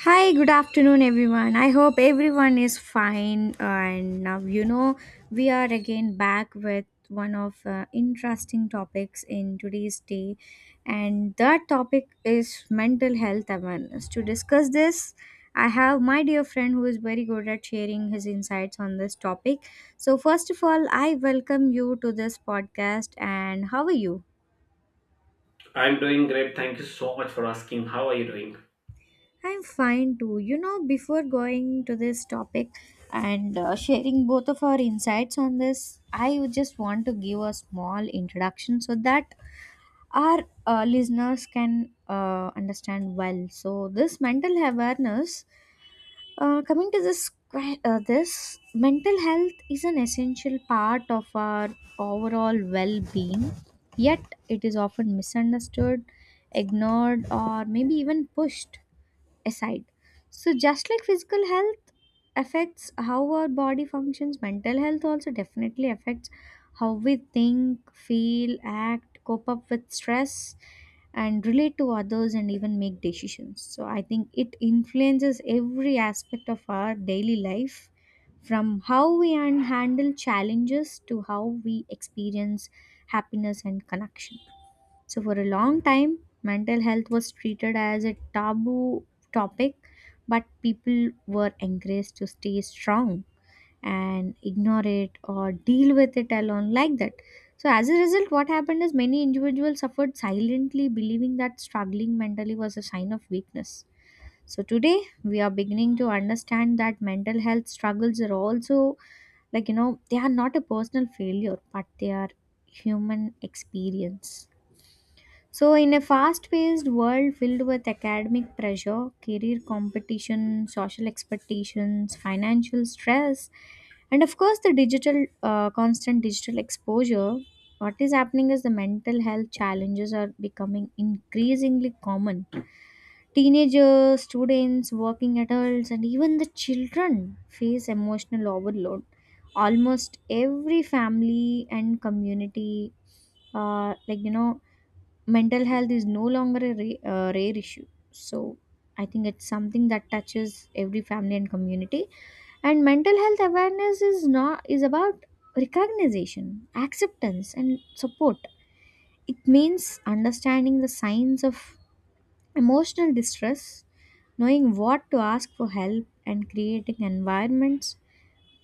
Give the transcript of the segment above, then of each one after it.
Hi, good afternoon, everyone. I hope everyone is fine. And now, we are again back with one of interesting topics in today's day, and that topic is mental health awareness. To discuss this, I have my dear friend who is very good at sharing his insights on this topic. So, first of all, I welcome you to this podcast. And how are you? I'm doing great. Thank you so much for asking. How are you doing? I'm fine too. Before going to this topic and sharing both of our insights on this, I would just want to give a small introduction so that our listeners can understand well. So, this mental awareness, coming to this, this mental health is an essential part of our overall well-being. Yet, it is often misunderstood, ignored, or maybe even pushed aside. So, just like physical health affects how our body functions, mental health also definitely affects how we think, feel, act, cope up with stress, and relate to others and even make decisions. So, I think it influences every aspect of our daily life from how we handle challenges to how we experience happiness and connection. So, for a long time, mental health was treated as a taboo topic, but people were encouraged to stay strong and ignore it or deal with it alone like that. So, as a result, what happened is many individuals suffered silently, believing that struggling mentally was a sign of weakness. So, today we are beginning to understand that mental health struggles are also like, they are not a personal failure, but they are human experience. So, in a fast paced world filled with academic pressure, career competition, social expectations, financial stress, and of course, the digital, constant digital exposure, what is happening is the mental health challenges are becoming increasingly common. Teenagers, students, working adults, and even the children face emotional overload. Almost every family and community. Like, mental health is no longer a rare issue. So, I think it's something that touches every family and community. And mental health awareness is not is about recognition, acceptance, and support. It means understanding the signs of emotional distress, knowing what to ask for help, and creating environments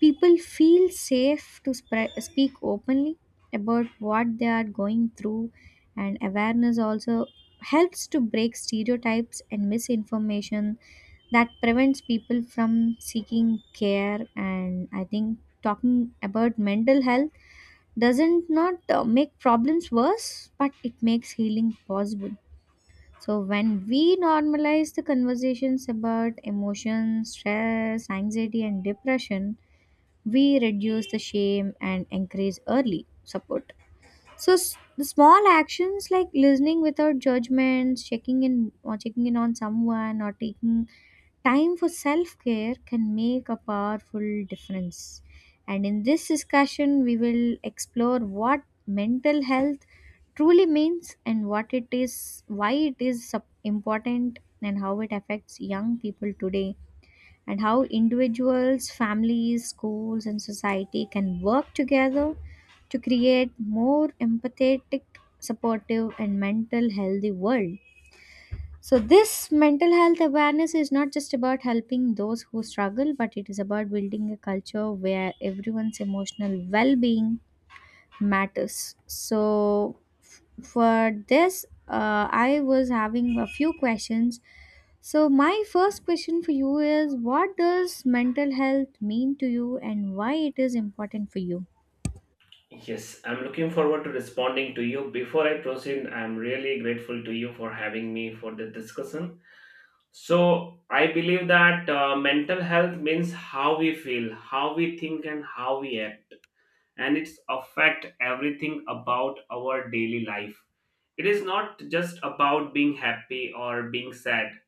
people feel safe to speak openly about what they are going through. And awareness also helps to break stereotypes and misinformation that prevents people from seeking care. And I think talking about mental health doesn't not make problems worse, but it makes healing possible. So when we normalize the conversations about emotions, stress, anxiety, and depression, we reduce the shame and encourage early support. So the small actions like listening without judgments, checking in or checking in on someone, or taking time for self-care can make a powerful difference. And in this discussion we will explore what mental health truly means and what it is, why it is important, and how it affects young people today, and how individuals, families, schools, and society can work together to create more empathetic, supportive, and mental healthy world. So, this mental health awareness is not just about helping those who struggle, but it is about building a culture where everyone's emotional well being matters. So, for this, I was having a few questions. So, my first question for you is, what does mental health mean to you and why it is important for you? Yes, I'm looking forward to responding to you. Before I proceed, I'm really grateful to you for having me for the discussion. So I believe that mental health means how we feel, how we think, and how we act, and it's affect everything about our daily life. It is not just about being happy or being sad,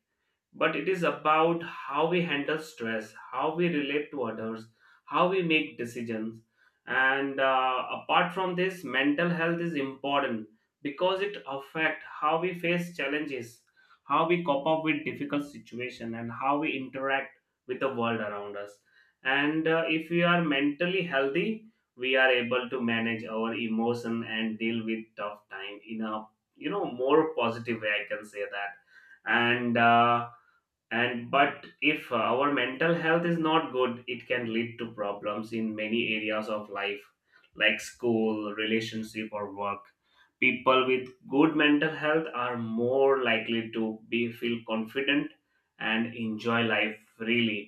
but it is about how we handle stress, how we relate to others, how we make decisions. And apart from this, mental health is important because it affects how we face challenges, how we cope up with difficult situation, and how we interact with the world around us. And if we are mentally healthy, we are able to manage our emotion and deal with tough time in a, you know, more positive way. I can say that. And uh, and but if our mental health is not good, it can lead to problems in many areas of life like school, relationship, or work. People with good mental health are more likely to be feel confident and enjoy life freely.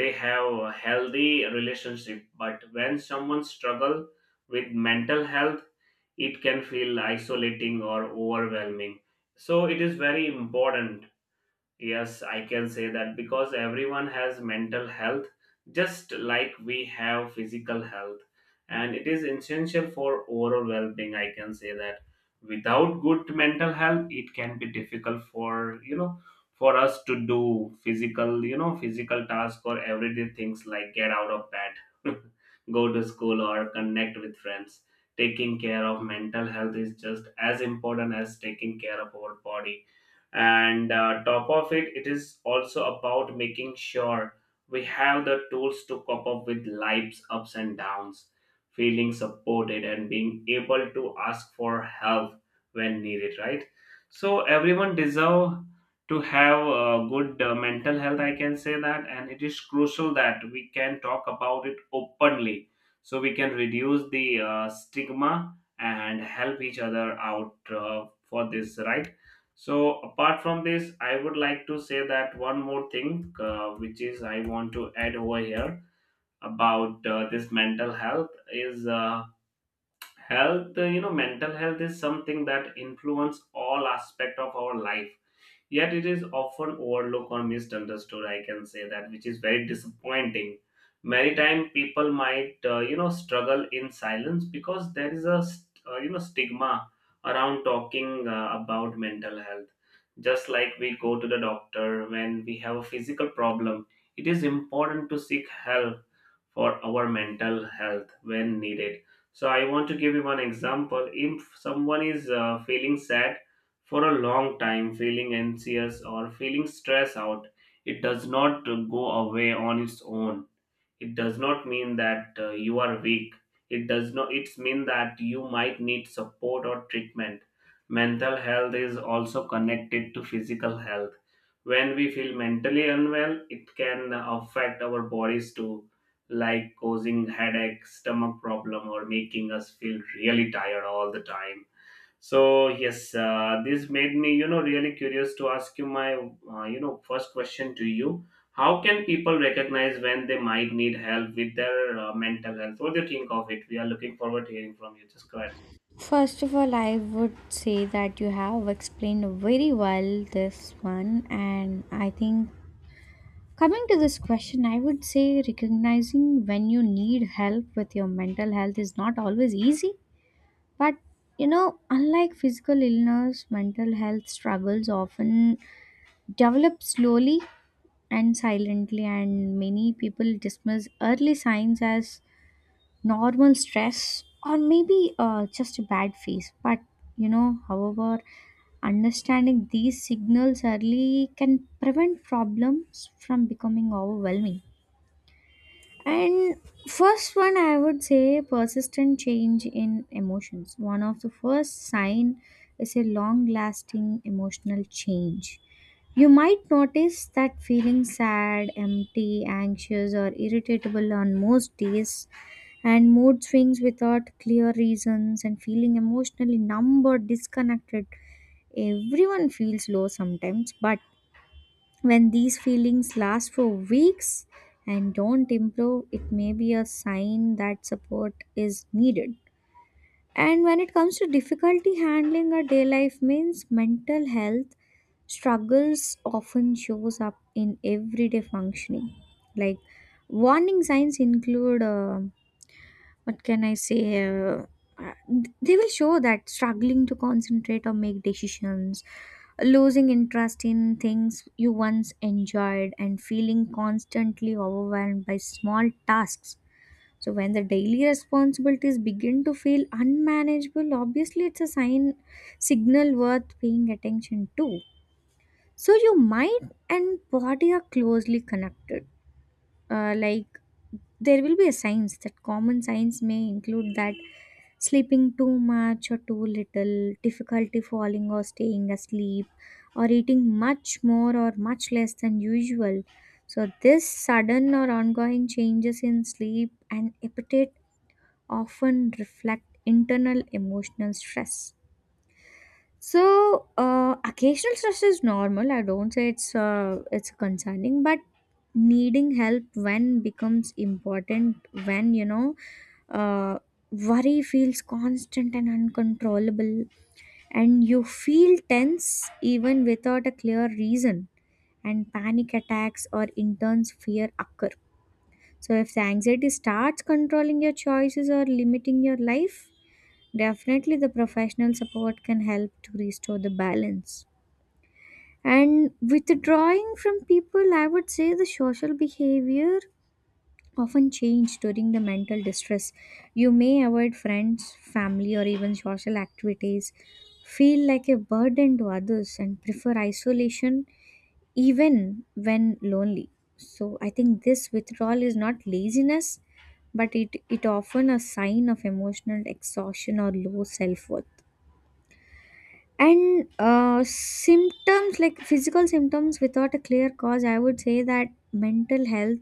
They have a healthy relationship, but when someone struggle with mental health, it can feel isolating or overwhelming. So it is very important. Yes, I can say that because everyone has mental health, just like we have physical health, and it is essential for overall well being. I can say that without good mental health, it can be difficult for, you know, for us to do physical, you know, physical tasks or everyday things like get out of bed, go to school, or connect with friends. Taking care of mental health is just as important as taking care of our body, and top of it, it is also about making sure we have the tools to cope up with life's ups and downs, feeling supported and being able to ask for help when needed, right? So everyone deserve to have a good mental health, I can say that, and it is crucial that we can talk about it openly so we can reduce the stigma and help each other out for this, right? So apart from this, I would like to say that one more thing, which is I want to add over here about this mental health is health you know, mental health is something that influence all aspect of our life, yet it is often overlooked or misunderstood, I can say that, which is very disappointing. Many time people might, you know, struggle in silence because there is a you know, stigma around talking about mental health. Just like we go to the doctor when we have a physical problem, it is important to seek help for our mental health when needed. So I want to give you one example. If someone is feeling sad for a long time, feeling anxious, or feeling stressed out, it does not go away on its own. It does not mean that you are weak. It does not it's mean that you might need support or treatment. Mental health is also connected to physical health. When we feel mentally unwell, it can affect our bodies too, like causing headache, stomach problem, or making us feel really tired all the time. So yes, this made me, you know, really curious to ask you my, you know, first question to you. How can people recognize when they might need help with their mental health? What do you think of it? We are looking forward to hearing from you. Just go ahead. First of all, I would say that you have explained very well this one, and I think coming to this question, I would say recognizing when you need help with your mental health is not always easy, but unlike physical illness, mental health struggles often develop slowly and silently, and many people dismiss early signs as normal stress or maybe just a bad phase. But however, understanding these signals early can prevent problems from becoming overwhelming. And first one, I would say persistent change in emotions. One of the first sign is a long-lasting emotional change. You might notice that feeling sad, empty, anxious, or irritable on most days, and mood swings without clear reasons, and feeling emotionally numb or disconnected. Everyone feels low sometimes, but when these feelings last for weeks and don't improve, it may be a sign that support is needed. And when it comes to difficulty handling our day life means mental health struggles often shows up in everyday functioning. Like warning signs include what can I say? Uh, they will show that struggling to concentrate or make decisions, losing interest in things you once enjoyed, and feeling constantly overwhelmed by small tasks. So, when the daily responsibilities begin to feel unmanageable, obviously it's a sign, signal worth paying attention to. So, your mind and body are closely connected. Like, there will be a signs that common signs may include that sleeping too much or too little, difficulty falling or staying asleep, or eating much more or much less than usual. So, this sudden or ongoing changes in sleep and appetite often reflect internal emotional stress. So, occasional stress is normal. I don't say it's concerning, but needing help when becomes important when uh, worry feels constant and uncontrollable, and you feel tense even without a clear reason, and panic attacks or intense fear occur. So if the anxiety starts controlling your choices or limiting your life, definitely, the professional support can help to restore the balance. And withdrawing from people, I would say the social behavior often change during the mental distress. You may avoid friends, family, or even social activities, feel like a burden to others, and prefer isolation even when lonely. So, I think this withdrawal is not laziness, but it often a sign of emotional exhaustion or low self worth. And symptoms like physical symptoms without a clear cause, I would say that mental health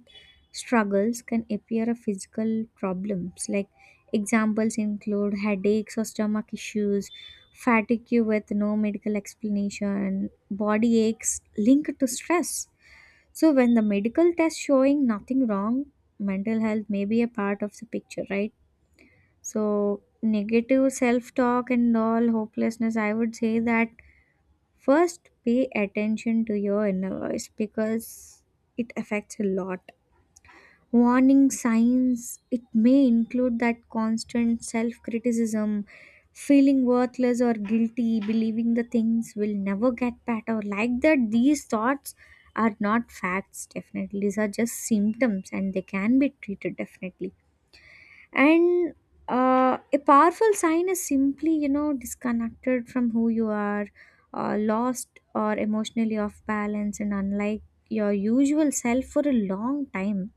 struggles can appear as physical problems. Like examples include headaches or stomach issues, fatigue with no medical explanation, body aches linked to stress. So when the medical test showing nothing wrong, mental health may be a part of the picture, right? So negative self-talk and all hopelessness, I would say that first, pay attention to your inner voice because it affects a lot. Warning signs, it may include that constant self criticism, feeling worthless or guilty, believing the things will never get better. Like that, these thoughts are not facts, definitely. These are just symptoms and they can be treated, definitely. And a powerful sign is simply disconnected from who you are, lost or emotionally off balance and unlike your usual self for a long time.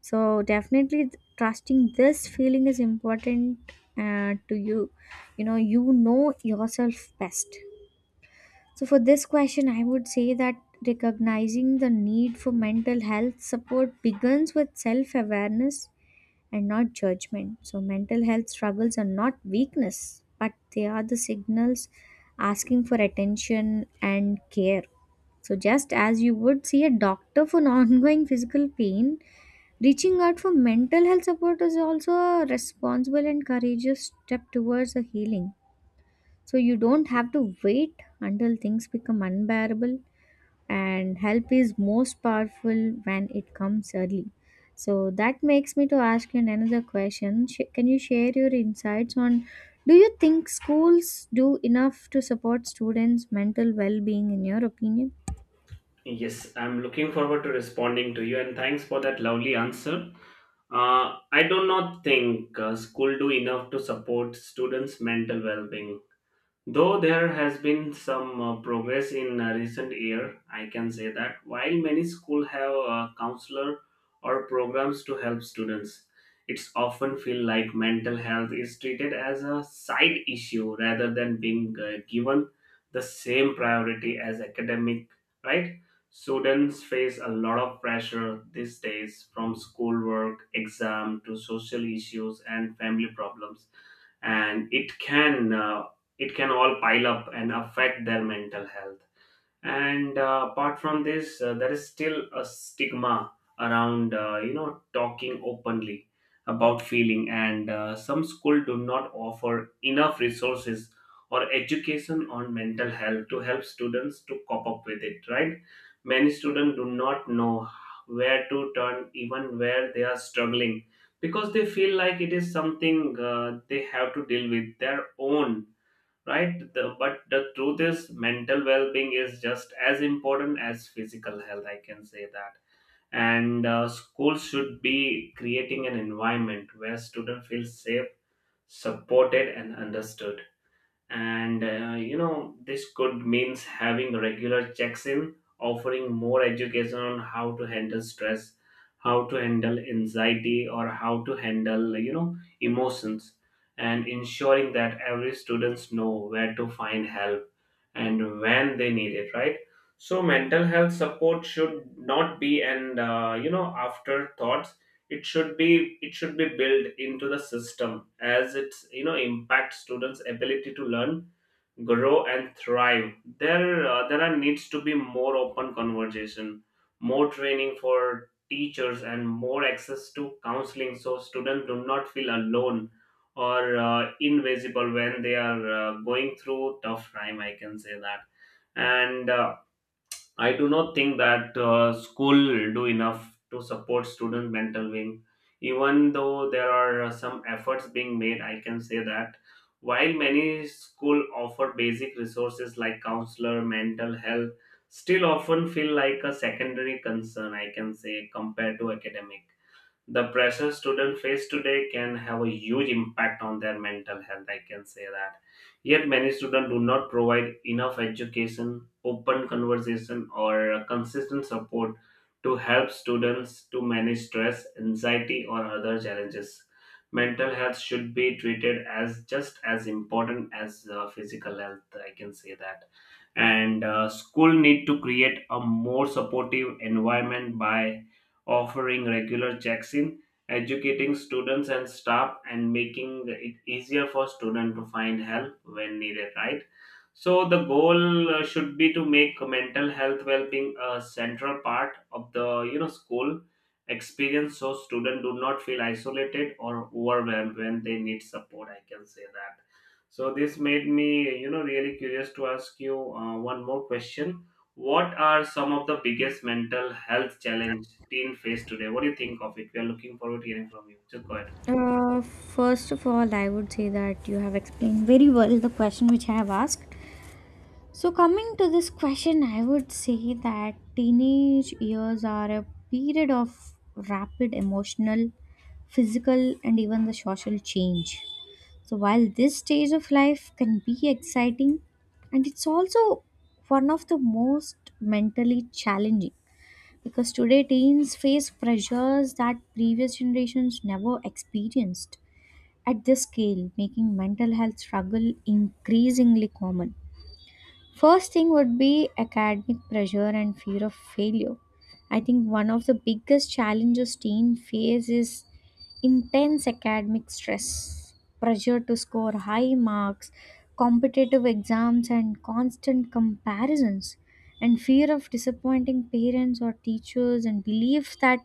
So definitely, trusting this feeling is important, to you. You know yourself best. So for this question, I would say that recognizing the need for mental health support begins with self awareness and not judgment. So, mental health struggles are not weakness, but they are the signals asking for attention and care. So, just as you would see a doctor for an ongoing physical pain, reaching out for mental health support is also a responsible and courageous step towards a healing. So, you don't have to wait until things become unbearable, and help is most powerful when it comes early. So that makes me to ask you another question. Can you share your insights on, do you think schools do enough to support students mental well-being in your opinion? Yes, I'm looking forward to responding to you, and thanks for that lovely answer. I do not think school do enough to support students' mental well-being. Though there has been some progress in recent year, I can say that. While many schools have a counselor or programs to help students, it's often feel like mental health is treated as a side issue rather than being given the same priority as academic, right? Students face a lot of pressure these days from schoolwork, exam to social issues and family problems, and it can it can all pile up and affect their mental health. And apart from this, there is still a stigma around, you know, talking openly about feeling, and some school do not offer enough resources or education on mental health to help students to cope up with it, right? Many students do not know where to turn even where they are struggling because they feel like it is something they have to deal with their own, right? But the truth is mental well-being is just as important as physical health, I can say that. And schools should be creating an environment where students feel safe, supported, and understood. And you know, this could means having regular checks in, offering more education on how to handle stress, how to handle anxiety, or how to handle, you know, emotions, and ensuring that every students know where to find help and when they need it, right? So mental health support should not be an, you know, afterthought. It should be built into the system as it's, you know, impact students ability to learn, grow, and thrive. There are needs to be more open conversation, more training for teachers, and more access to counseling, so students do not feel alone or invisible when they are going through tough time, I can say that. And I do not think that school do enough to support student mental wing. Even though there are some efforts being made, I can say that. While many school offer basic resources like counselor, mental health, still often feel like a secondary concern. I can say compared to academic, the pressure students face today can have a huge impact on their mental health, I can say that. Yet many students do not provide enough education, open conversation, or consistent support to help students to manage stress, anxiety, or other challenges. Mental health should be treated as just as important as physical health, I can say that. And school need to create a more supportive environment by offering regular checks in, educating students and staff, and making it easier for students to find help when needed, right? So the goal should be to make mental health well being a central part of the, you know, school experience, so students do not feel isolated or overwhelmed when they need support. I can say that. So this made me, you know, really curious to ask you one more question. What are some of the biggest mental health challenge teen face today? What do you think of it? We are looking forward to hearing from you. Just go ahead. First of all, I would say that you have explained very well the question which I have asked. So, coming to this question, I would say that teenage years are a period of rapid emotional, physical, and even the social change. So, while this stage of life can be exciting, and it's also one of the most mentally challenging because today teens face pressures that previous generations never experienced at this scale, making mental health struggle increasingly common. First thing would be academic pressure and fear of failure. I think one of the biggest challenges teens face is intense academic stress, pressure to score high marks, competitive exams, and constant comparisons, and fear of disappointing parents or teachers, and belief that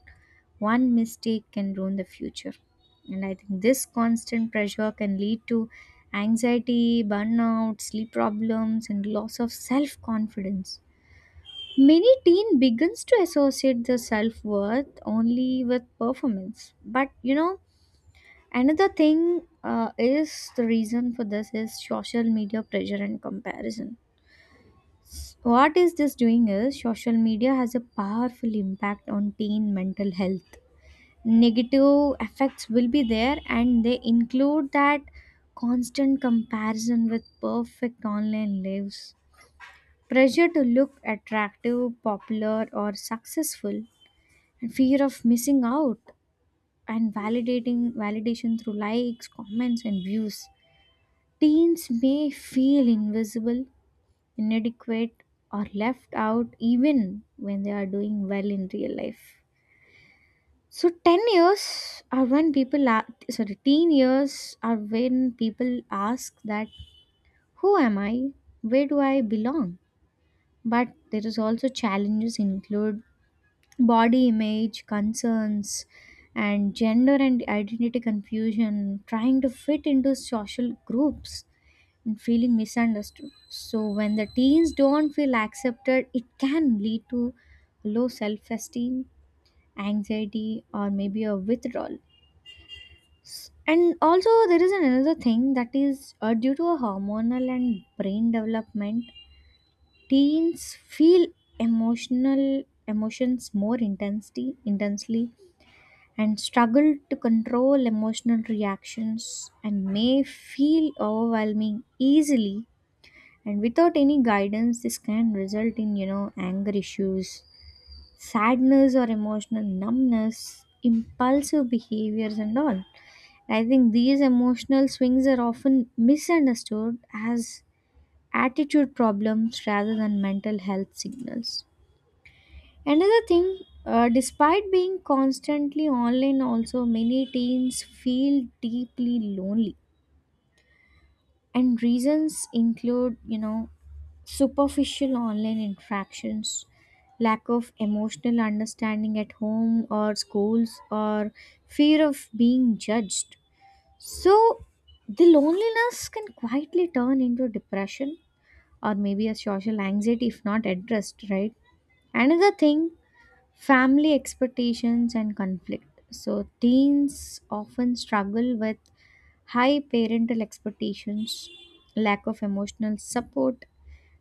one mistake can ruin the future. And I think this constant pressure can lead to anxiety, burnout, sleep problems, and loss of self confidence. Many teen begins to associate their self worth only with performance. But another thing is the reason for this is social media pressure and comparison. What is this doing is social media has a powerful impact on teen mental health. Negative effects will be there, and they include that constant comparison with perfect online lives, pressure to look attractive, popular, or successful, and fear of missing out, and validating validation through likes, comments, and views. Teens may feel invisible, inadequate, or left out even when they are doing well in real life. So 10 years are when people are, sorry, teen years are when people ask that, who am I? Where do I belong? But there is also challenges include body image concerns and gender and identity confusion, trying to fit into social groups and feeling misunderstood. So when the teens don't feel accepted, it can lead to low self-esteem, anxiety, or maybe a withdrawal. And also, there is another thing that is, due to a hormonal and brain development, teens feel emotional emotions more intensity intensely, and struggle to control emotional reactions and may feel overwhelming easily. And without any guidance, this can result in, you know, anger issues, sadness, or emotional numbness, impulsive behaviors, and all. I think these emotional swings are often misunderstood as attitude problems rather than mental health signals. Another thing, despite being constantly online, also many teens feel deeply lonely, and reasons include, superficial online interactions, lack of emotional understanding at home or schools, or fear of being judged. So, the loneliness can quietly turn into depression or maybe a social anxiety if not addressed, right? Another thing, family expectations and conflict. So, teens often struggle with high parental expectations, lack of emotional support,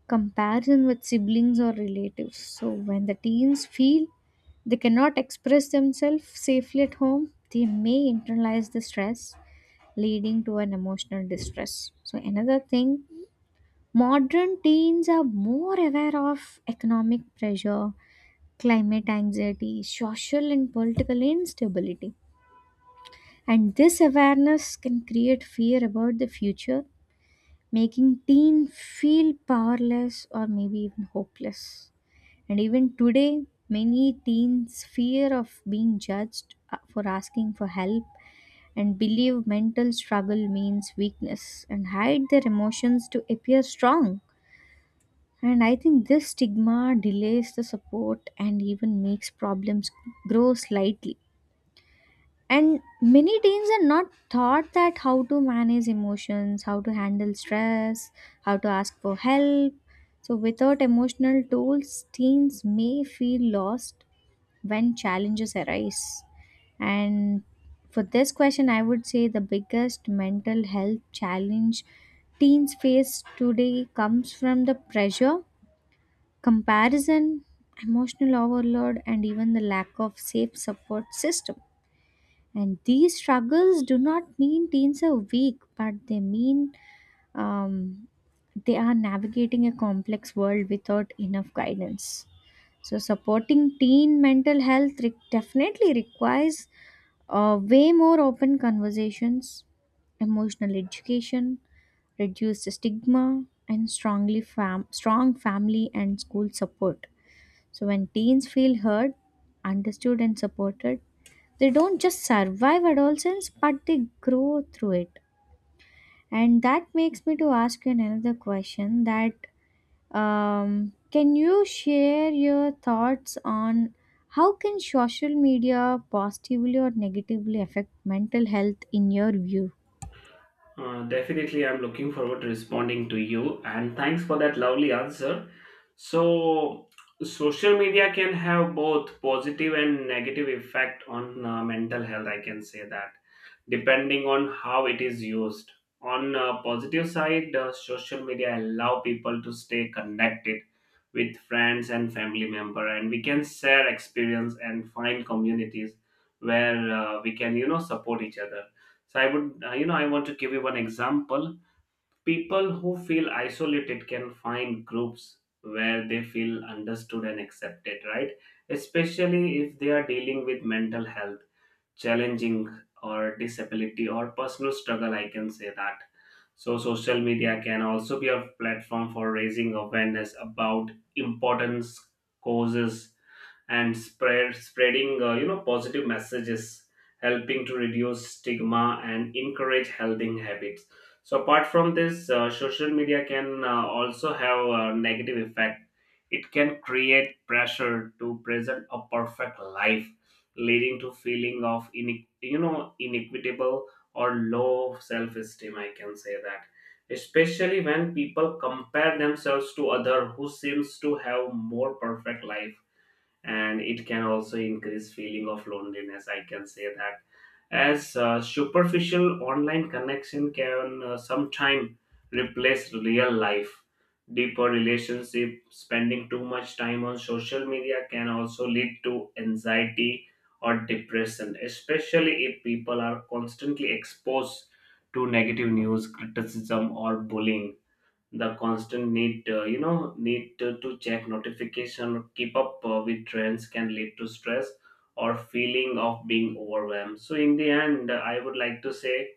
comparison with siblings or relatives. So, when the teens feel they cannot express themselves safely at home, they may internalize the stress, leading to an emotional distress. So, another thing, modern teens are more aware of economic pressure, climate anxiety, social and political instability. And this awareness can create fear about the future, making teen feel powerless or maybe even hopeless. And even today, many teens fear of being judged for asking for help, and believe mental struggle means weakness, and hide their emotions to appear strong. And I think this stigma delays the support and even makes problems grow slightly. And many teens are not taught that how to manage emotions, how to handle stress, how to ask for help. So, without emotional tools, teens may feel lost when challenges arise. And for this question, I would say the biggest mental health challenge teens face today comes from the pressure, comparison, emotional overload, and even the lack of safe support system. And these struggles do not mean teens are weak, but they mean, um, they are navigating a complex world without enough guidance. So supporting teen mental health definitely requires, way more open conversations, emotional education, reduced stigma, and strong family and school support. So when teens feel heard, understood, and supported, they don't just survive adolescence, but they grow through it. And that makes me to ask you another question that, can you share your thoughts on how can social media positively or negatively affect mental health in your view? Definitely, I'm looking forward to responding to you, and thanks for that lovely answer. So social media can have both positive and negative effect on mental health. I can say that depending on how it is used. On a positive side, social media allow people to stay connected with friends and family member, and we can share experience and find communities where, we can, you know, support each other. So I would, you know, I want to give you one example. People who feel isolated can find groups where they feel understood and accepted, right? Especially if they are dealing with mental health challenging or disability or personal struggle, I can say that. So social media can also be a platform for raising awareness about important causes and spreading, you know, positive messages, helping to reduce stigma and encourage healthy habits. So apart from this, social media can also have a negative effect. It can create pressure to present a perfect life, leading to feeling of you know, inequitable or low self-esteem, I can say that, especially when people compare themselves to other who seems to have more perfect life. And it can also increase feeling of loneliness, I can say that, as superficial online connection can sometime replace real life deeper relationship. Spending too much time on social media can also lead to anxiety or depression, especially if people are constantly exposed to negative news, criticism, or bullying. The constant need, you know, need to check notification or keep up with trends can lead to stress or feeling of being overwhelmed. So in the end I would like to say,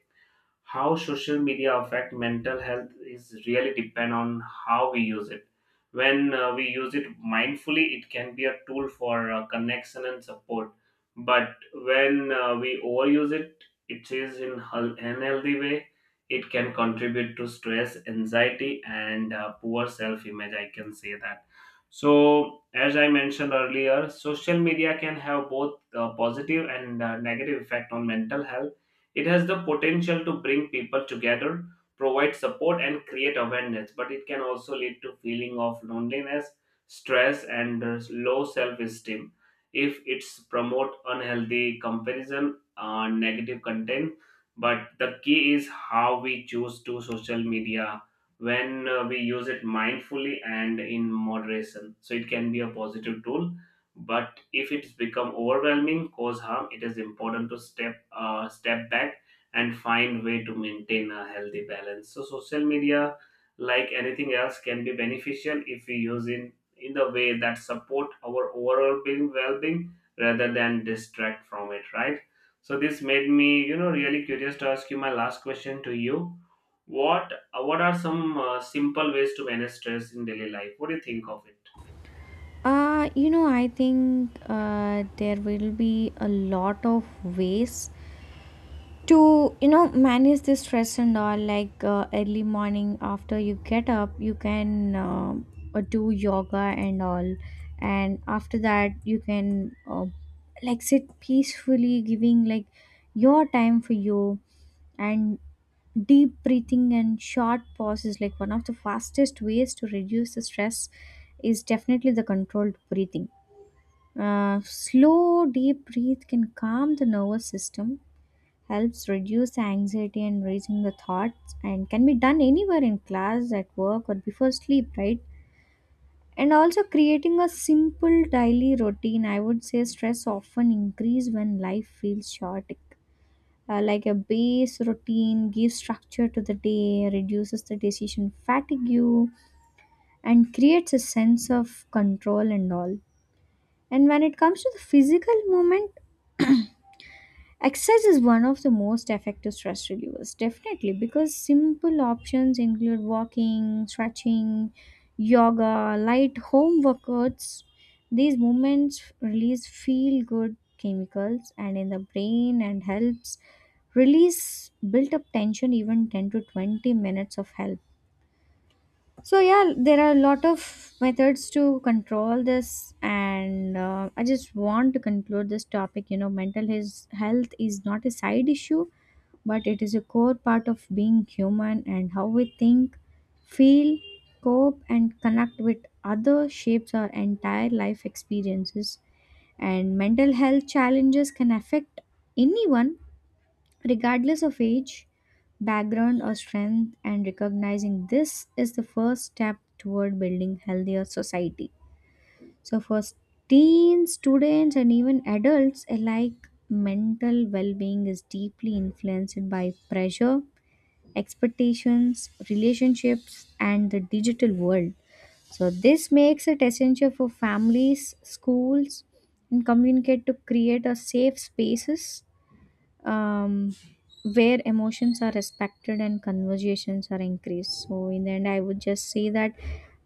how social media affect mental health is really depend on how we use it. When we use it mindfully, it can be a tool for connection and support. But when we overuse it, it is in unhealthy way, it can contribute to stress, anxiety, and poor self image, I can say that. So as I mentioned earlier, social media can have both positive and negative effect on mental health. It has the potential to bring people together, provide support, and create awareness, but it can also lead to feeling of loneliness, stress, and low self-esteem if it's promote unhealthy comparison, negative content. But the key is how we choose to social media. When we use it mindfully and in moderation, so it can be a positive tool. But if it's become overwhelming cause harm, it is important to step back and find way to maintain a healthy balance. So social media, like anything else, can be beneficial if we use in the way that support our overall being well-being rather than distract from it, right? So this made me, you know, really curious to ask you my last question to you. What are some simple ways to manage stress in daily life? What do you think of it? You know, I think there will be a lot of ways to, you know, manage the stress and all, like early morning after you get up, you can do yoga and all. And after that you can, like, sit peacefully, giving like your time for you, and deep breathing and short pauses, like one of the fastest ways to reduce the stress is definitely the controlled breathing. Slow deep breath can calm the nervous system, helps reduce anxiety and raising the thoughts, and can be done anywhere, in class, at work, or before sleep, right? And also creating a simple daily routine, I would say stress often increase when life feels chaotic. Like a base routine gives structure to the day, reduces the decision fatigue, and creates a sense of control and all. And when it comes to the physical movement, exercise is one of the most effective stress relievers, definitely, because simple options include walking, stretching, yoga, light home workouts. These movements release feel good chemicals and in the brain, and helps release built up tension. Even 10 to 20 minutes of help. So yeah, there are a lot of methods to control this, and I just want to conclude this topic. You know, mental his health is not a side issue, but it is a core part of being human, and how we think, feel, cope, and connect with other shapes our entire life experiences. And mental health challenges can affect anyone regardless of age, background, or strength, and recognizing this is the first step toward building healthier society. So, for teens, students, and even adults alike, mental well being is deeply influenced by pressure, expectations, relationships, and the digital world. So, this makes it essential for families, schools, and communicate to create a safe spaces, um, where emotions are respected and conversations are increased. So, in the end, I would just say that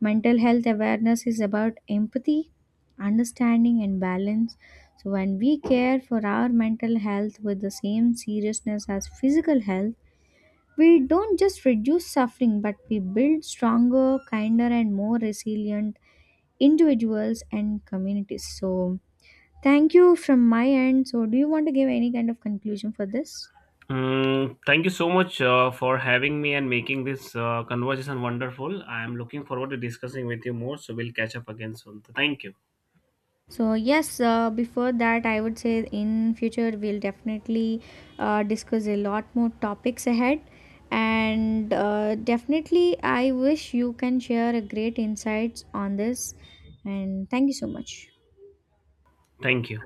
mental health awareness is about empathy, understanding, and balance. So, when we care for our mental health with the same seriousness as physical health, we don't just reduce suffering, but we build stronger, kinder, and more resilient individuals and communities. So, thank you from my end. So, do you want to give any kind of conclusion for this? Mm, thank you so much for having me and making this conversation wonderful. I am looking forward to discussing with you more. So we'll catch up again soon. Thank you. So yes, before that, I would say in future we'll definitely discuss a lot more topics ahead, and definitely I wish you can share a great insights on this. And thank you so much. Thank you.